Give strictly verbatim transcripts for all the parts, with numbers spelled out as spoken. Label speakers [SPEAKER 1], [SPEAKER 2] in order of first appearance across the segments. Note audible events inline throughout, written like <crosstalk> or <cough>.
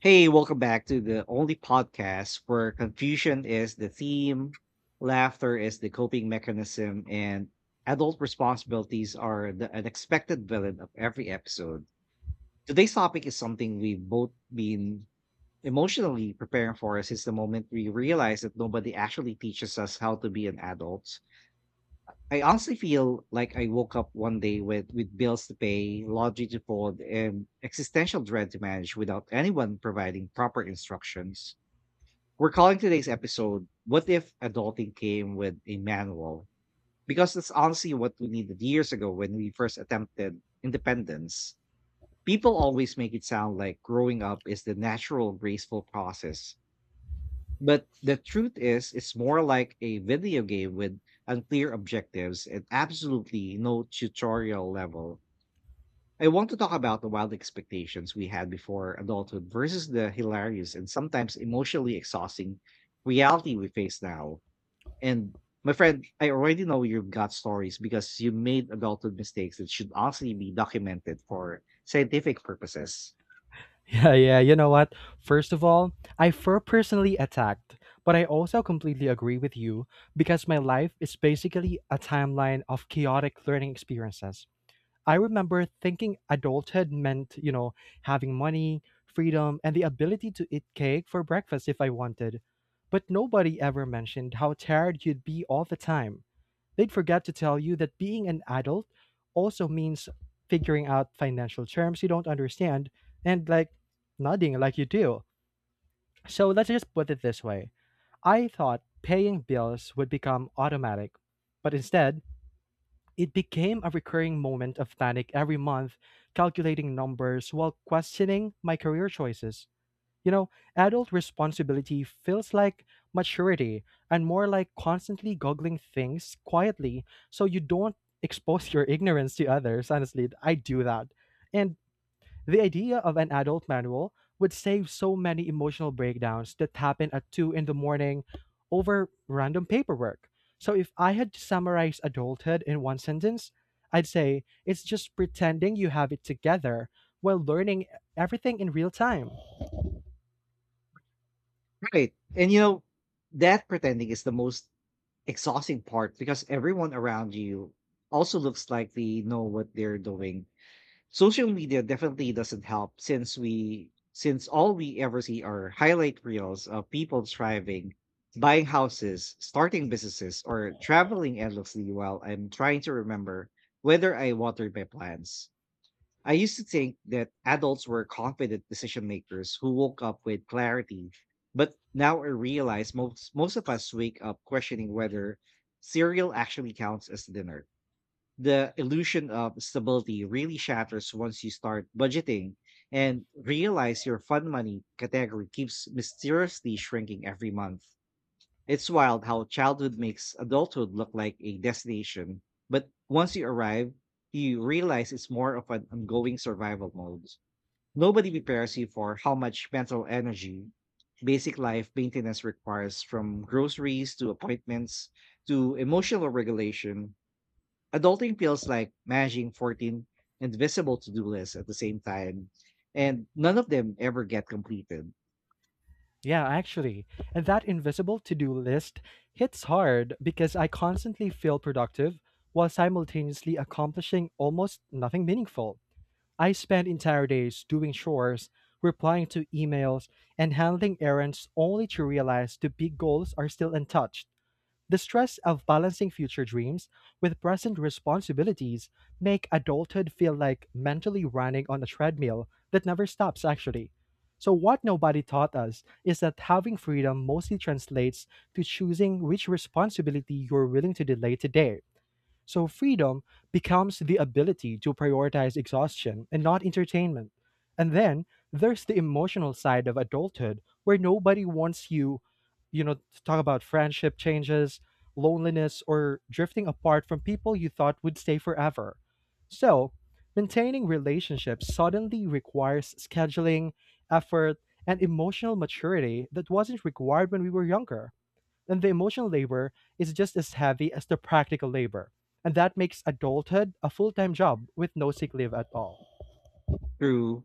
[SPEAKER 1] Hey, welcome back to the only podcast where confusion is the theme, laughter is the coping mechanism, and adult responsibilities are the unexpected villain of every episode. Today's topic is something we've both been emotionally preparing for since the moment we realized that nobody actually teaches us how to be an adult. I honestly feel like I woke up one day with, with bills to pay, laundry to fold, and existential dread to manage without anyone providing proper instructions. We're calling today's episode, "What If Adulting Came with a Manual?" Because that's honestly what we needed years ago when we first attempted independence. People always make it sound like growing up is the natural, graceful process. But the truth is, it's more like a video game with unclear objectives and absolutely no tutorial level. I want to talk about the wild expectations we had before adulthood versus the hilarious and sometimes emotionally exhausting reality we face now. And my friend, I already know you've got stories because you made adulthood mistakes that should honestly be documented for scientific purposes.
[SPEAKER 2] Yeah, yeah. You know what? First of all, I feel personally attacked, but I also completely agree with you because my life is basically a timeline of chaotic learning experiences. I remember thinking adulthood meant, you know, having money, freedom, and the ability to eat cake for breakfast if I wanted. But nobody ever mentioned how tired you'd be all the time. They'd forget to tell you that being an adult also means figuring out financial terms you don't understand and like nodding like you do. So let's just put it this way: I thought paying bills would become automatic, but instead, it became a recurring moment of panic every month, calculating numbers while questioning my career choices. You know, adult responsibility feels like maturity and more like constantly goggling things quietly so you don't expose your <laughs> ignorance to others. Honestly, I do that. And the idea of an adult manual would save so many emotional breakdowns that happen at two in the morning over random paperwork. So, if I had to summarize adulthood in one sentence, I'd say it's just pretending you have it together while learning everything in real time.
[SPEAKER 1] Right. And you know, that pretending is the most exhausting part because everyone around you also looks like they know what they're doing. Social media definitely doesn't help since we since all we ever see are highlight reels of people thriving, buying houses, starting businesses, or traveling endlessly while I'm trying to remember whether I watered my plants. I used to think that adults were confident decision makers who woke up with clarity, but now I realize most most of us wake up questioning whether cereal actually counts as dinner. The illusion of stability really shatters once you start budgeting and realize your fun money category keeps mysteriously shrinking every month. It's wild how childhood makes adulthood look like a destination, but once you arrive, you realize it's more of an ongoing survival mode. Nobody prepares you for how much mental energy basic life maintenance requires, from groceries to appointments to emotional regulation. Adulting feels like managing fourteen invisible to do lists at the same time, and none of them ever get completed.
[SPEAKER 2] Yeah, actually. And that invisible to do list hits hard because I constantly feel productive while simultaneously accomplishing almost nothing meaningful. I spend entire days doing chores, replying to emails, and handling errands only to realize the big goals are still untouched. The stress of balancing future dreams with present responsibilities make adulthood feel like mentally running on a treadmill that never stops actually. So what nobody taught us is that having freedom mostly translates to choosing which responsibility you're willing to delay today, so freedom becomes the ability to prioritize exhaustion and not entertainment. And then there's the emotional side of adulthood where nobody wants you, you know, to talk about friendship changes, loneliness, or drifting apart from people you thought would stay forever. So, maintaining relationships suddenly requires scheduling, effort, and emotional maturity that wasn't required when we were younger, and the emotional labor is just as heavy as the practical labor. And that makes adulthood a full time job with no sick leave at all.
[SPEAKER 1] True.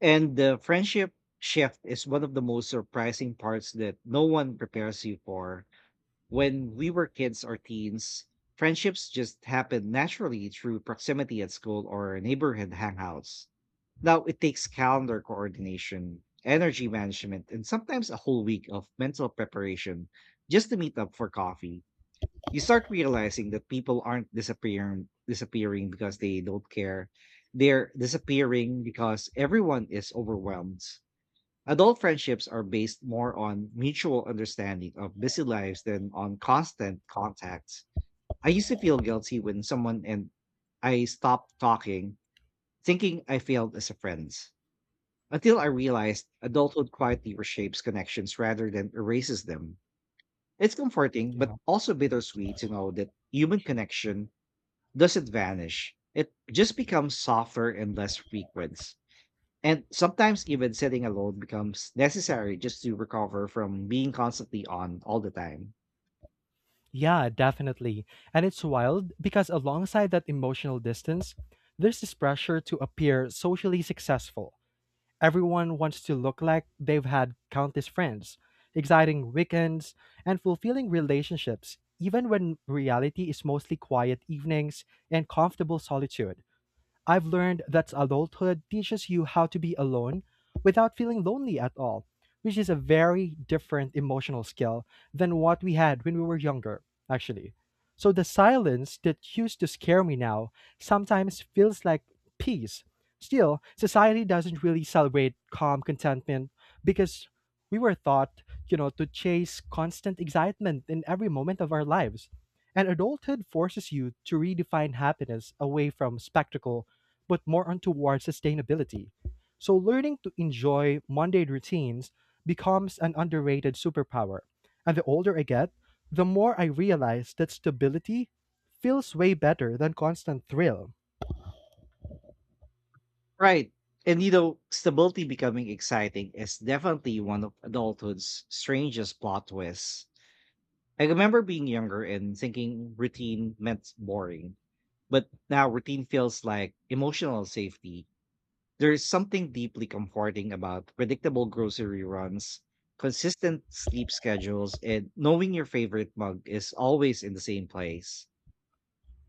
[SPEAKER 1] And the friendship shift is one of the most surprising parts that no one prepares you for. When we were kids or teens, friendships just happen naturally through proximity at school or neighborhood hangouts. Now it takes calendar coordination, energy management, and sometimes a whole week of mental preparation just to meet up for coffee. You start realizing that people aren't disappearing disappearing because they don't care, they're disappearing because everyone is overwhelmed. Adult friendships are based more on mutual understanding of busy lives than on constant contact. I used to feel guilty when someone and I stopped talking, thinking I failed as a friend, until I realized adulthood quietly reshapes connections rather than erases them. It's comforting
[SPEAKER 2] Yeah.
[SPEAKER 1] but also bittersweet to know that human connection doesn't vanish. It just becomes softer and less frequent. And sometimes even sitting alone becomes necessary just to recover from being constantly on all the time.
[SPEAKER 2] Yeah, definitely. And it's wild because alongside that emotional distance, there's this pressure to appear socially successful. Everyone wants to look like they've had countless friends, exciting weekends, and fulfilling relationships, even when reality is mostly quiet evenings and comfortable solitude. I've learned that adulthood teaches you how to be alone without feeling lonely at all, which is a very different emotional skill than what we had when we were younger, actually. So the silence that used to scare me now sometimes feels like peace. Still, society doesn't really celebrate calm contentment because we were taught, you know, to chase constant excitement in every moment of our lives. And adulthood forces you to redefine happiness away from spectacle but more on towards sustainability. So learning to enjoy mundane routines becomes an underrated superpower. And the older I get, the more I realize that stability feels way better than constant thrill.
[SPEAKER 1] Right. And you know, stability becoming exciting is definitely one of adulthood's strangest plot twists. I remember being younger and thinking routine meant boring, but now routine feels like emotional safety. There is something deeply comforting about predictable grocery runs, consistent sleep schedules, and knowing your favorite mug is always in the same place.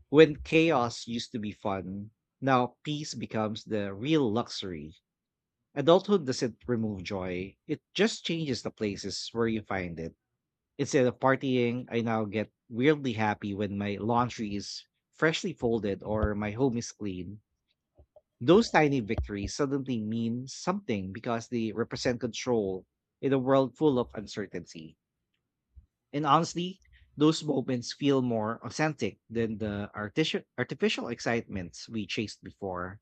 [SPEAKER 1] When chaos used to be fun, now peace becomes the real luxury. Adulthood doesn't remove joy, it just changes the places where you find it. Instead of partying, I now get weirdly happy when my laundry is freshly folded or my home is clean. Those tiny victories suddenly mean something because they represent control in a world full of uncertainty. And honestly, those moments feel more authentic than the artificial artificial excitements we chased before.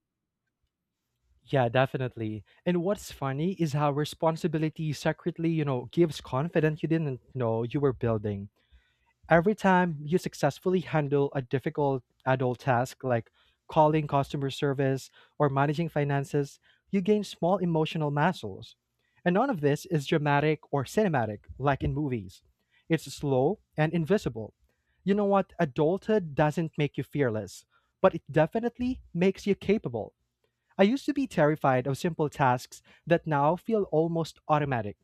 [SPEAKER 2] Yeah, definitely. And what's funny is how responsibility secretly, you know, gives confidence you didn't know you were building. Every time you successfully handle a difficult adult task like calling customer service or managing finances, you gain small emotional muscles. And none of this is dramatic or cinematic like in movies. It's slow and invisible. You know what? Adulthood doesn't make you fearless, but it definitely makes you capable. I used to be terrified of simple tasks that now feel almost automatic.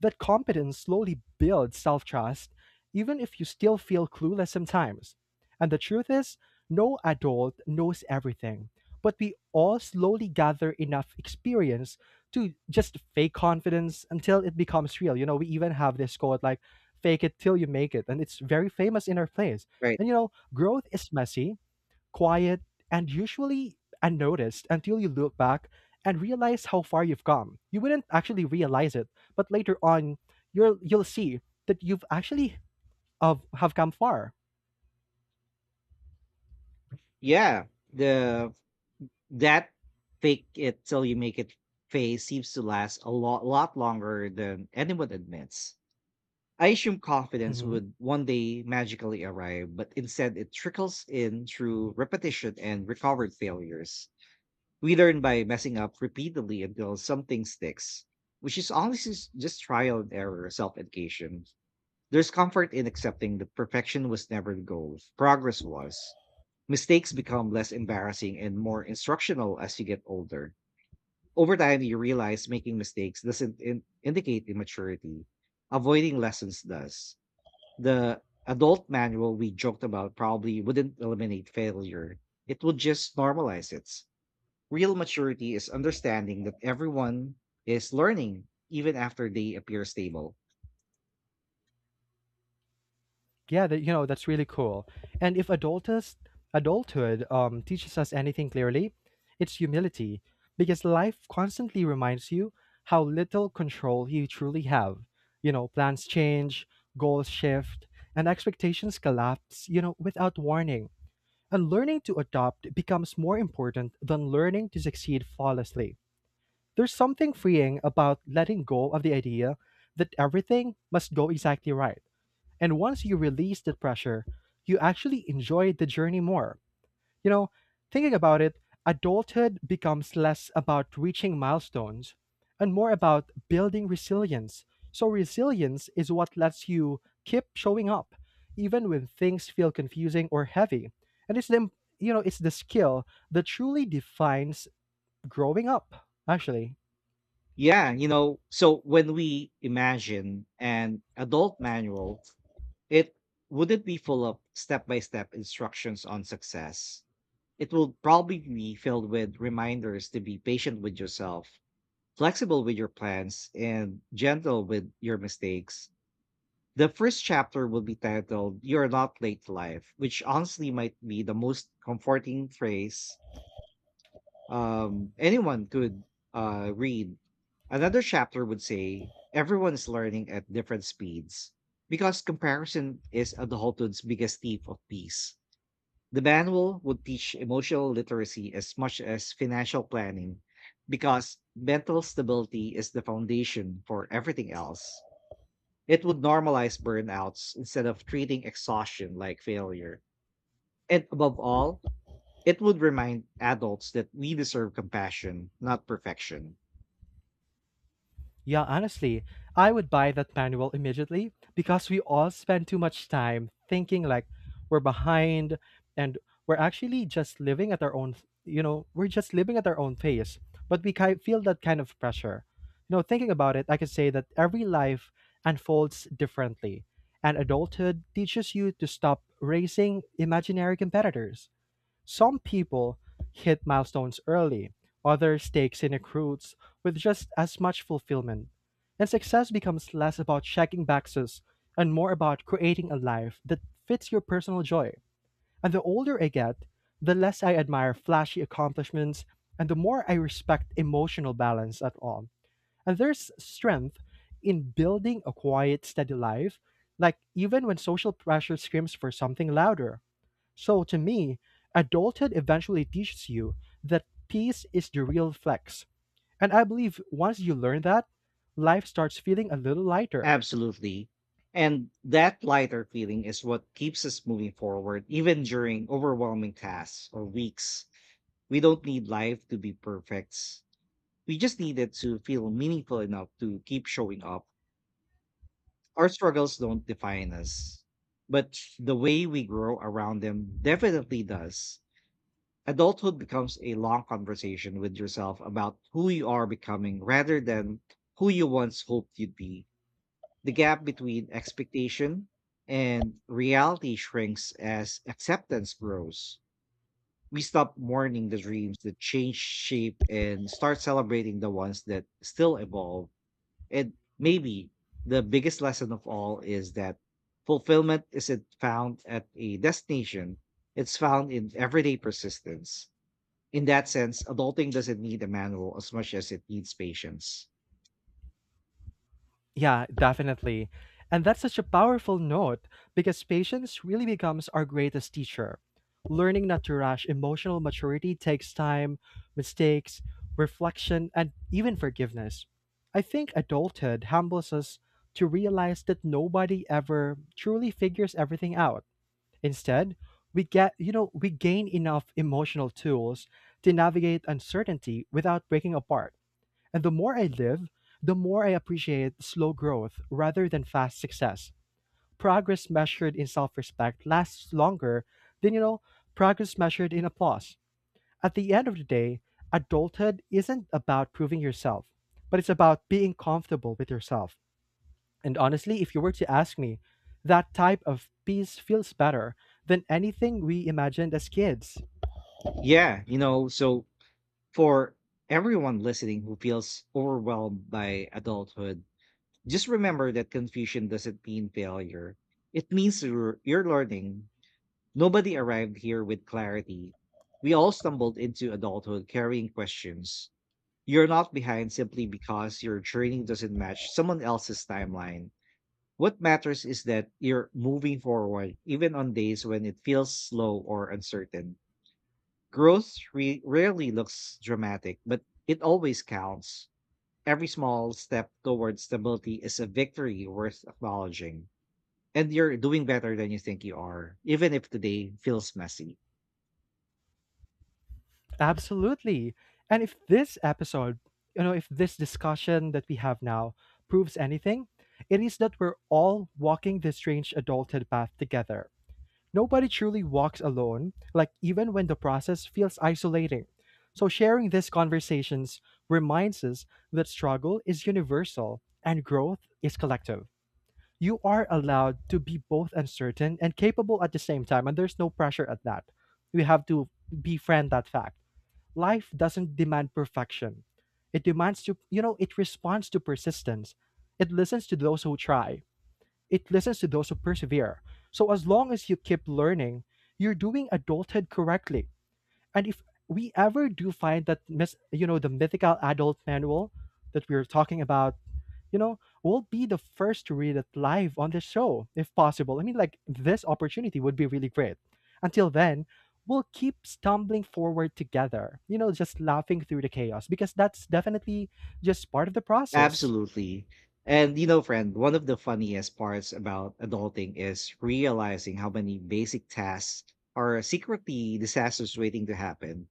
[SPEAKER 2] That competence slowly builds self trust, even if you still feel clueless sometimes. And the truth is, no adult knows everything, but we all slowly gather enough experience to just fake confidence until it becomes real. You know, we even have this quote like, fake it till you make it. And it's very famous in our place.
[SPEAKER 1] Right.
[SPEAKER 2] And you know, growth is messy, quiet, and usually unnoticed until you look back and realize how far you've come. You wouldn't actually realize it, but later on, you'll you'll see that you've actually of have come far.
[SPEAKER 1] Yeah, the that fake it till you make it phase seems to last a lot lot longer than anyone admits. I assume confidence would one day magically arrive, but instead it trickles in through repetition and recovered failures. We learn by messing up repeatedly until something sticks, which is honestly s- just trial and error, self education. There's comfort in accepting that perfection was never the goal, progress was. Mistakes become less embarrassing and more instructional as you get older. Over time, you realize making mistakes doesn't in- indicate immaturity, avoiding lessons does. The adult manual we joked about probably wouldn't eliminate failure. It would just normalize it. Real maturity is understanding that everyone is learning even after they appear stable.
[SPEAKER 2] Yeah, that, you know, that's really cool. And if adultus, adulthood um, teaches us anything clearly, it's humility, because life constantly reminds you how little control you truly have. You know, plans change, goals shift, and expectations collapse, you know, without warning. And learning to adopt becomes more important than learning to succeed flawlessly. There's something freeing about letting go of the idea that everything must go exactly right, and once you release the pressure, you actually enjoy the journey more. You know, thinking about it, adulthood becomes less about reaching milestones and more about building resilience. So, resilience is what lets you keep showing up, even when things feel confusing or heavy. And it's the, you know, it's the skill that truly defines growing up, actually.
[SPEAKER 1] Yeah, you know, so when we imagine an adult manual, it wouldn't be full of step by step instructions on success. It will probably be filled with reminders to be patient with yourself, flexible with your plans, and gentle with your mistakes. The first chapter will be titled "You're Not Late to Life," which honestly might be the most comforting phrase um, anyone could uh, read. Another chapter would say everyone is learning at different speeds, because comparison is adulthood's biggest thief of peace. The manual would teach emotional literacy as much as financial planning, because mental stability is the foundation for everything else. It would normalize burnouts instead of treating exhaustion like failure. And above all, it would remind adults that we deserve compassion, not perfection.
[SPEAKER 2] Yeah, honestly, I would buy that manual immediately because we all spend too much time thinking like we're behind, and we're actually just living at our own, you know, we're just living at our own pace. But we ki- feel that kind of pressure. You know, thinking about it, I can say that every life unfolds differently, and adulthood teaches you to stop racing imaginary competitors. Some people hit milestones early, others take scenic routes with just as much fulfillment. And success becomes less about checking boxes and more about creating a life that fits your personal joy. And the older I get, the less I admire flashy accomplishments and the more I respect emotional balance at all. And there's strength in building a quiet, steady life, like even when social pressure screams for something louder. So to me, adulthood eventually teaches you that peace is the real flex. And I believe once you learn that, life starts feeling a little lighter.
[SPEAKER 1] Absolutely. And that lighter feeling is what keeps us moving forward, even during overwhelming tasks or weeks. We don't need life to be perfect. We just needed to feel meaningful enough to keep showing up. Our struggles don't define us, but the way we grow around them definitely does. Adulthood becomes a long conversation with yourself about who you are becoming rather than who you once hoped you'd be. The gap between expectation and reality shrinks as acceptance grows. We stop mourning the dreams that change shape and start celebrating the ones that still evolve. And maybe the biggest lesson of all is that fulfillment isn't found at a destination, it's found in everyday persistence. In that sense, adulting doesn't need a manual as much as it needs patience.
[SPEAKER 2] Yeah, definitely. And that's such a powerful note because patience really becomes our greatest teacher. Learning not to rush emotional maturity takes time, mistakes, reflection, and even forgiveness. I think adulthood humbles us to realize that nobody ever truly figures everything out. Instead, we get, you know, we gain enough emotional tools to navigate uncertainty without breaking apart. And the more I live, the more I appreciate slow growth rather than fast success. Progress measured in self-respect lasts longer than, you know, progress measured in applause. At the end of the day, adulthood isn't about proving yourself, but it's about being comfortable with yourself. And honestly, if you were to ask me, that type of peace feels better than anything we imagined as kids.
[SPEAKER 1] Yeah, you know, so for everyone listening who feels overwhelmed by adulthood, just remember that confusion doesn't mean failure. It means you're, you're learning. Nobody arrived here with clarity. We all stumbled into adulthood carrying questions. You're not behind simply because your training doesn't match someone else's timeline. What matters is that you're moving forward, even on days when it feels slow or uncertain. Growth re- rarely looks dramatic, but it always counts. Every small step towards stability is a victory worth acknowledging. And you're doing better than you think you are, even if today feels messy.
[SPEAKER 2] Absolutely. And if this episode, you know, if this discussion that we have now proves anything, it is that we're all walking this strange adulthood path together. Nobody truly walks alone, like even when the process feels isolating. So sharing these conversations reminds us that struggle is universal and growth is collective. You are allowed to be both uncertain and capable at the same time, and there's no pressure at that. We have to befriend that fact. Life doesn't demand perfection. It demands to you know it responds to persistence. It listens to those who try. It listens to those who persevere. So as long as you keep learning, you're doing adulthood correctly. And if we ever do find that mis- you know the mythical adult manual that we were talking about, you know, we'll be the first to read it live on the show, if possible. I mean, like, this opportunity would be really great. Until then, we'll keep stumbling forward together, you know, just laughing through the chaos, because that's definitely just part of the process.
[SPEAKER 1] Absolutely. And you know, friend, one of the funniest parts about adulting is realizing how many basic tasks are secretly disasters waiting to happen.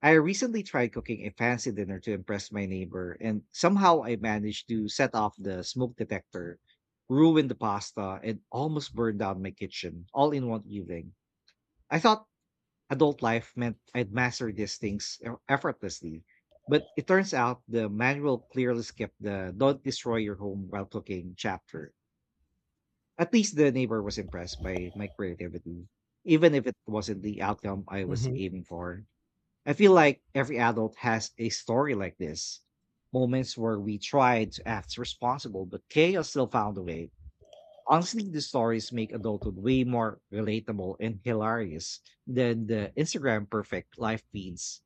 [SPEAKER 1] I recently tried cooking a fancy dinner to impress my neighbor, and somehow I managed to set off the smoke detector, ruin the pasta, and almost burn down my kitchen all in one evening. I thought adult life meant I'd master these things e- effortlessly, but it turns out the manual clearly skipped the "don't destroy your home while cooking" chapter. At least the neighbor was impressed by my creativity, even if it wasn't the outcome I was aiming for. I feel like every adult has a story like this, moments where we tried to act responsible, but chaos still found a way. Honestly, the stories make adulthood way more relatable and hilarious than the Instagram perfect life feeds.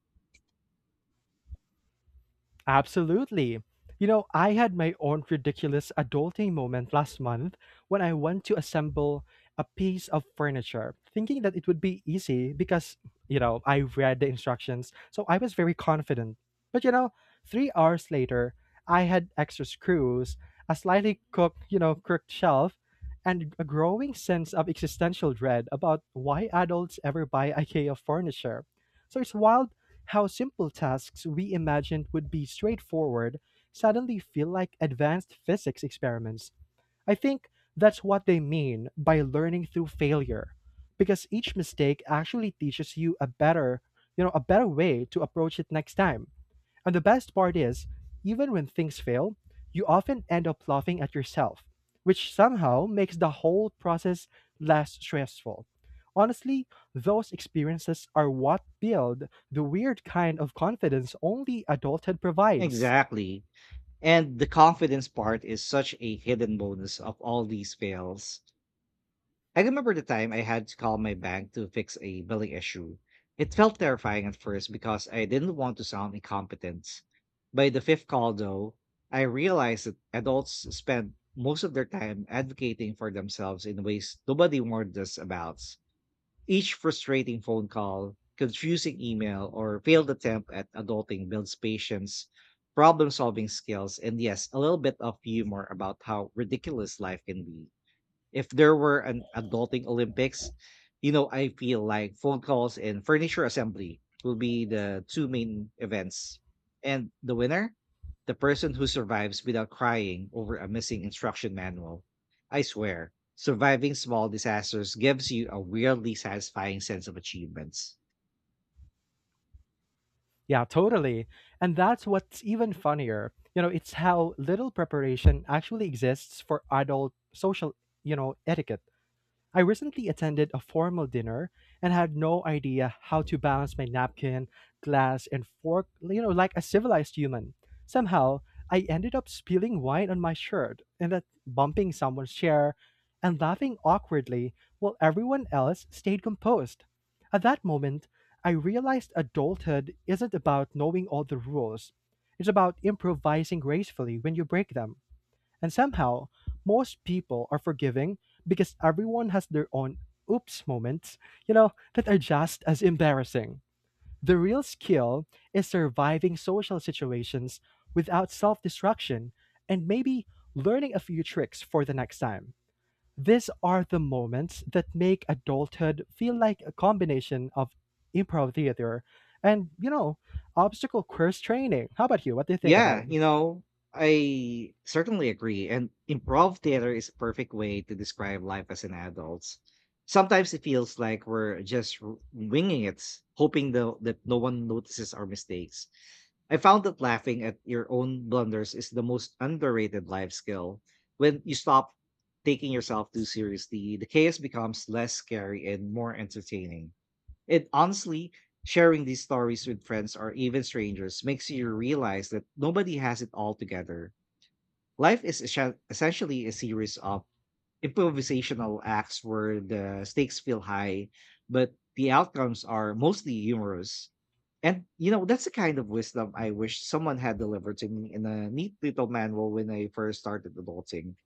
[SPEAKER 2] Absolutely. You know, I had my own ridiculous adulting moment last month when I went to assemble a piece of furniture, thinking that it would be easy because, you know, I read the instructions. So I was very confident. But, you know, three hours later, I had extra screws, a slightly cooked, you know, crooked shelf, and a growing sense of existential dread about why adults ever buy IKEA furniture. So it's wild how simple tasks we imagined would be straightforward suddenly feel like advanced physics experiments. I think that's what they mean by learning through failure because each mistake actually teaches you a better, you know, a better way to approach it next time. And the best part is, even when things fail, you often end up laughing at yourself, which somehow makes the whole process less stressful. Honestly, those experiences are what build the weird kind of confidence only adulthood provides.
[SPEAKER 1] Exactly. And the confidence part is such a hidden bonus of all these fails. I remember the time I had to call my bank to fix a billing issue. It felt terrifying at first because I didn't want to sound incompetent. By the fifth call, though, I realized that adults spend most of their time advocating for themselves in ways nobody warned us about. Each frustrating phone call, confusing email, or failed attempt at adulting builds patience, problem solving skills, and yes, a little bit of humor about how ridiculous life can be. If there were an adulting Olympics, you know, I feel like phone calls and furniture assembly will be the two main events. And the winner? The person who survives without crying over a missing instruction manual. I swear, surviving small disasters gives you a weirdly satisfying sense of achievements.
[SPEAKER 2] Yeah, totally. And that's what's even funnier. You know, it's how little preparation actually exists for adult social, you know, etiquette. I recently attended a formal dinner and had no idea how to balance my napkin, glass, and fork, you know, like a civilized human. Somehow, I ended up spilling wine on my shirt and that bumping someone's chair and laughing awkwardly while everyone else stayed composed. At that moment, I realized adulthood isn't about knowing all the rules. It's about improvising gracefully when you break them. And somehow, most people are forgiving because everyone has their own oops moments, you know, that are just as embarrassing. The real skill is surviving social situations without self destruction and maybe learning a few tricks for the next time. These are the moments that make adulthood feel like a combination of improv theater and, you know, obstacle course training. How about you? What do you think about
[SPEAKER 1] Yeah,
[SPEAKER 2] it?
[SPEAKER 1] you know, I certainly agree. And improv theater is a perfect way to describe life as an adult. Sometimes it feels like we're just w- winging it, hoping the, that no one notices our mistakes. I found that laughing at your own blunders is the most underrated life skill. When you stop taking yourself too seriously, the chaos becomes less scary and more entertaining. And honestly, sharing these stories with friends or even strangers makes you realize that nobody has it all together. Life is essen- essentially a series of improvisational acts where the stakes feel high, but the outcomes are mostly humorous. And you know, that's the kind of wisdom I wish someone had delivered to me in a neat little manual when I first started adulting.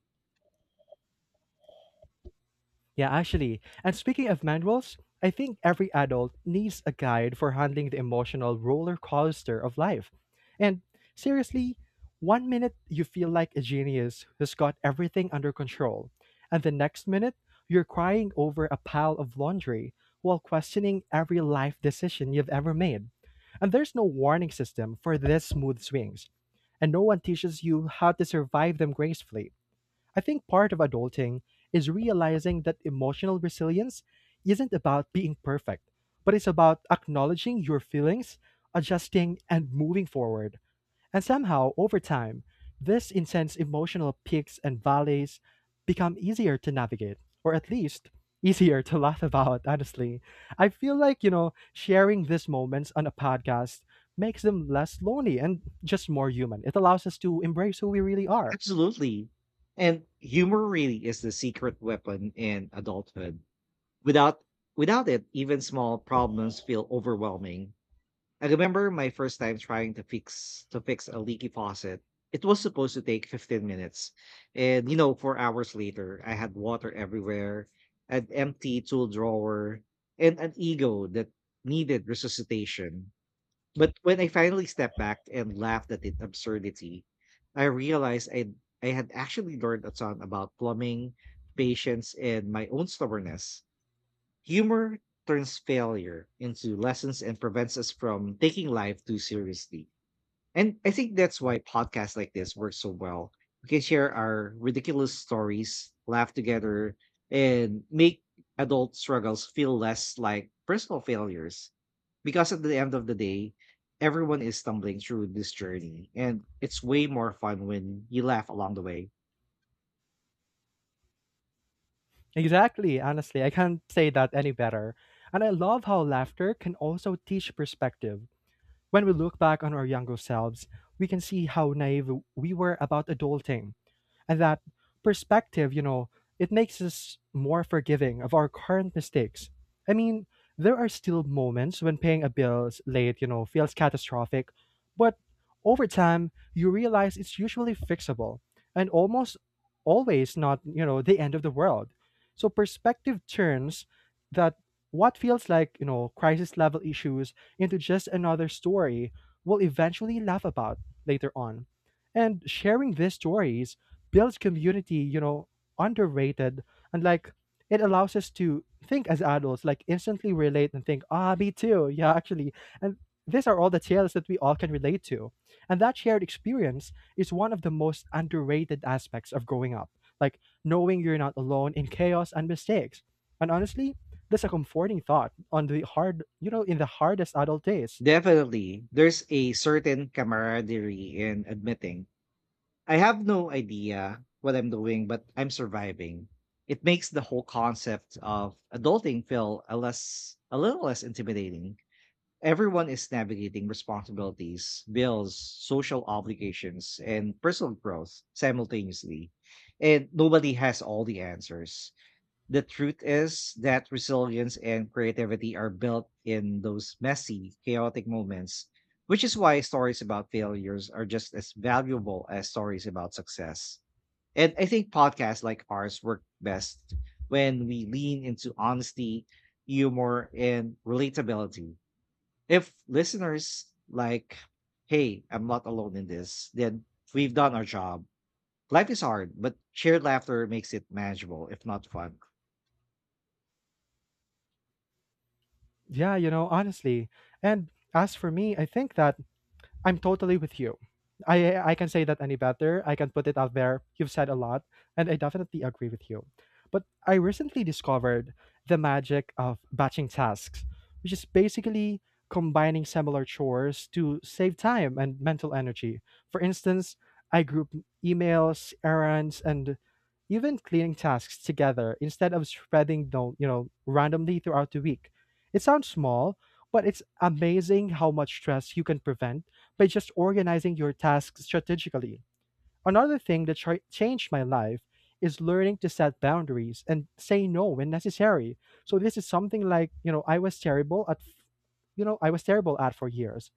[SPEAKER 2] Yeah, actually. And speaking of manuals, I think every adult needs a guide for handling the emotional roller coaster of life. And seriously, one minute you feel like a genius who's got everything under control, and the next minute you're crying over a pile of laundry while questioning every life decision you've ever made. And there's no warning system for these smooth swings, and no one teaches you how to survive them gracefully. I think part of adulting is realizing that emotional resilience isn't about being perfect, but it's about acknowledging your feelings, adjusting, and moving forward. And somehow, over time, this intense emotional peaks and valleys become easier to navigate, or at least easier to <laughs> laugh about, honestly. I feel like, you know, sharing these moments on a podcast makes them less lonely and just more human. It allows us to embrace who we really are.
[SPEAKER 1] Absolutely. And humor really is the secret weapon in adulthood. Without without it, even small problems feel overwhelming. I remember my first time trying to fix to fix a leaky faucet. It was supposed to take fifteen minutes. And you know, four hours later, I had water everywhere, an empty tool drawer, and an ego that needed resuscitation. But when I finally stepped back and laughed at its absurdity, I realized I I had actually learned a ton about plumbing, patience, and my own stubbornness. Humor turns failure into lessons and prevents us from taking life too seriously. And I think that's why podcasts like this work so well. We can share our ridiculous stories, laugh together, and make adult struggles feel less like personal failures. Because at the end of the day, everyone is stumbling through this journey, and it's way more fun when you laugh along the way.
[SPEAKER 2] Exactly. Honestly, I can't say that any better. And I love how laughter can also teach perspective. When we look back on our younger selves, we can see how naive we were about adulting. And that perspective, you know, it makes us more forgiving of our current mistakes. I mean, there are still moments when paying a bill late, you know, feels catastrophic, but over time, you realize it's usually fixable and almost always not, you know, the end of the world. So perspective turns that what feels like, you know, crisis level issues into just another story we'll eventually laugh about later on. And sharing these stories builds community, you know, underrated. And like it allows us to think as adults, like instantly relate and think, ah, me too. Yeah, actually. And these are all the tales that we all can relate to. And that shared experience is one of the most underrated aspects of growing up. Like knowing you're not alone in chaos and mistakes. And honestly, that's a comforting thought on the hard, you know, in the hardest adult days.
[SPEAKER 1] Definitely, there's a certain camaraderie in admitting I have no idea what I'm doing, but I'm surviving. It makes the whole concept of adulting feel a less a little less intimidating. Everyone is navigating responsibilities, bills, social obligations, and personal growth simultaneously. And nobody has all the answers. The truth is that resilience and creativity are built in those messy, chaotic moments, which is why stories about failures are just as valuable as stories about success. And I think podcasts like ours work best when we lean into honesty, humor, and relatability. If listeners like, hey, I'm not alone in this, then we've done our job. Life is hard, but shared laughter makes it manageable, if not fun.
[SPEAKER 2] Yeah, you know, honestly. And as for me, I think that I'm totally with you. I I can say that any better. I can put it out there. You've said a lot, and I definitely agree with you. But I recently discovered the magic of batching tasks, which is basically combining similar chores to save time and mental energy. For instance, I group emails, errands, and even cleaning tasks together instead of spreading them, you know, randomly throughout the week. It sounds small, but it's amazing how much stress you can prevent by just organizing your tasks strategically. Another thing that ch- changed my life is learning to set boundaries and say no when necessary. So this is something like, you know, I was terrible at you know, I was terrible at for years.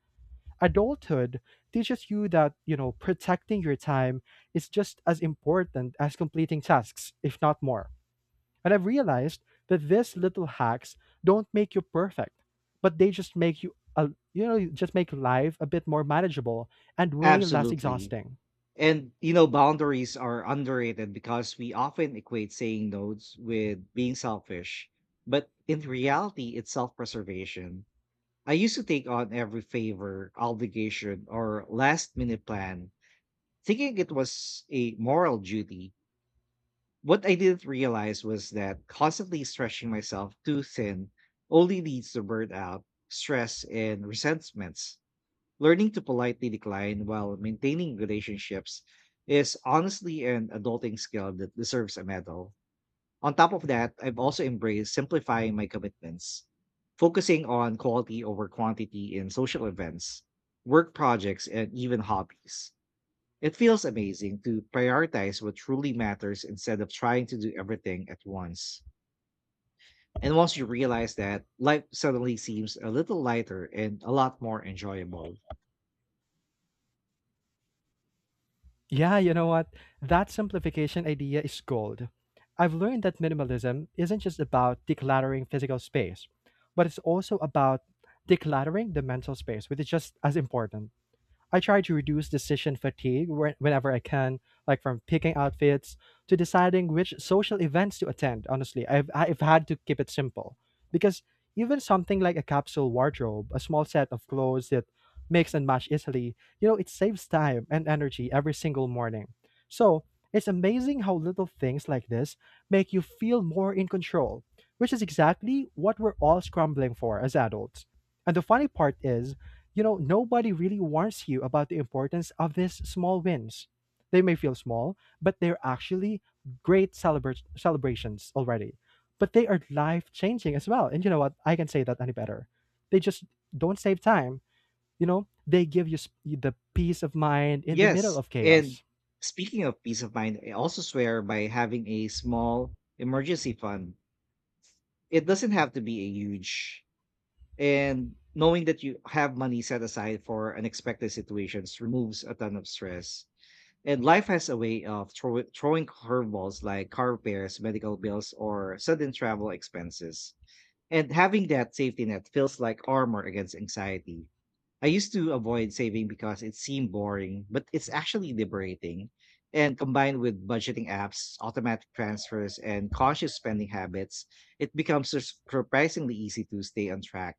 [SPEAKER 2] Adulthood teaches you that, you know, protecting your time is just as important as completing tasks, if not more. And I've realized that these little hacks don't make you perfect, but they just make you, uh, you know, just make life a bit more manageable and way less
[SPEAKER 1] Absolutely.
[SPEAKER 2] exhausting.
[SPEAKER 1] And you know, boundaries are underrated because we often equate saying no's with being selfish. But in reality, it's self-preservation. I used to take on every favor, obligation, or last minute plan, thinking it was a moral duty. What I didn't realize was that constantly stretching myself too thin only leads to burnout, stress, and resentments. Learning to politely decline while maintaining relationships is honestly an adulting skill that deserves a medal. On top of that, I've also embraced simplifying my commitments, focusing on quality over quantity in social events, work projects, and even hobbies. It feels amazing to prioritize what truly matters instead of trying to do everything at once. And once you realize that, life suddenly seems a little lighter and a lot more enjoyable.
[SPEAKER 2] Yeah, you know what? That simplification idea is gold. I've learned that minimalism isn't just about decluttering physical space, but it's also about decluttering the mental space, which is just as important. I try to reduce decision fatigue whe- whenever I can, like from picking outfits to deciding which social events to attend. Honestly, I've, I've had to keep it simple because even something like a capsule wardrobe, a small set of clothes that mix and match easily, you know, it saves time and energy every single morning. So it's amazing how little things like this make you feel more in control, which is exactly what we're all scrambling for as adults. And the funny part is, you know, nobody really warns you about the importance of these small wins. They may feel small, but they're actually great celebra- celebrations already. But they are life changing as well. And you know what? I can say that any better. They just don't save time. You know, they give you sp- the peace of mind in the middle
[SPEAKER 1] Yes,
[SPEAKER 2] of
[SPEAKER 1] and
[SPEAKER 2] chaos.
[SPEAKER 1] speaking of peace of mind, I also swear by having a small emergency fund. It doesn't have to be a huge, and knowing that you have money set aside for unexpected situations removes a ton of stress. And life has a way of throw- throwing curveballs like car repairs, medical bills, or sudden travel expenses. And having that safety net feels like armor against anxiety. I used to avoid saving because it seemed boring, but it's actually liberating. And combined with budgeting apps, automatic transfers, and conscious spending habits, it becomes sur- surprisingly easy to stay on track.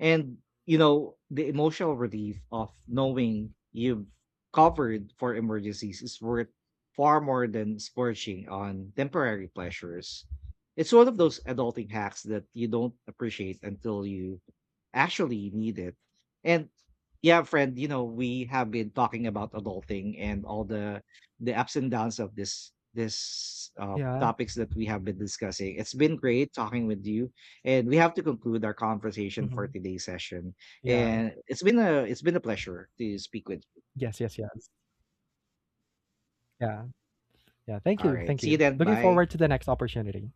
[SPEAKER 1] And, you know, the emotional relief of knowing you've covered for emergencies is worth far more than splurging on temporary pleasures. It's one of those adulting hacks that you don't appreciate until you actually need it. And yeah, friend, you know, we have been talking about adulting and all the the ups and downs of this this uh
[SPEAKER 2] Yeah.
[SPEAKER 1] topics that we have been discussing. It's been great talking with you and we have to conclude our conversation for
[SPEAKER 2] Hmm.
[SPEAKER 1] today's session.
[SPEAKER 2] Yeah.
[SPEAKER 1] And it's been a it's been a pleasure to speak with you.
[SPEAKER 2] Yes. Yes. Yes. Yeah. Yeah. Thank
[SPEAKER 1] All
[SPEAKER 2] you.
[SPEAKER 1] right.
[SPEAKER 2] Thank
[SPEAKER 1] See you
[SPEAKER 2] you.
[SPEAKER 1] then.
[SPEAKER 2] Looking
[SPEAKER 1] Bye.
[SPEAKER 2] forward to the next opportunity.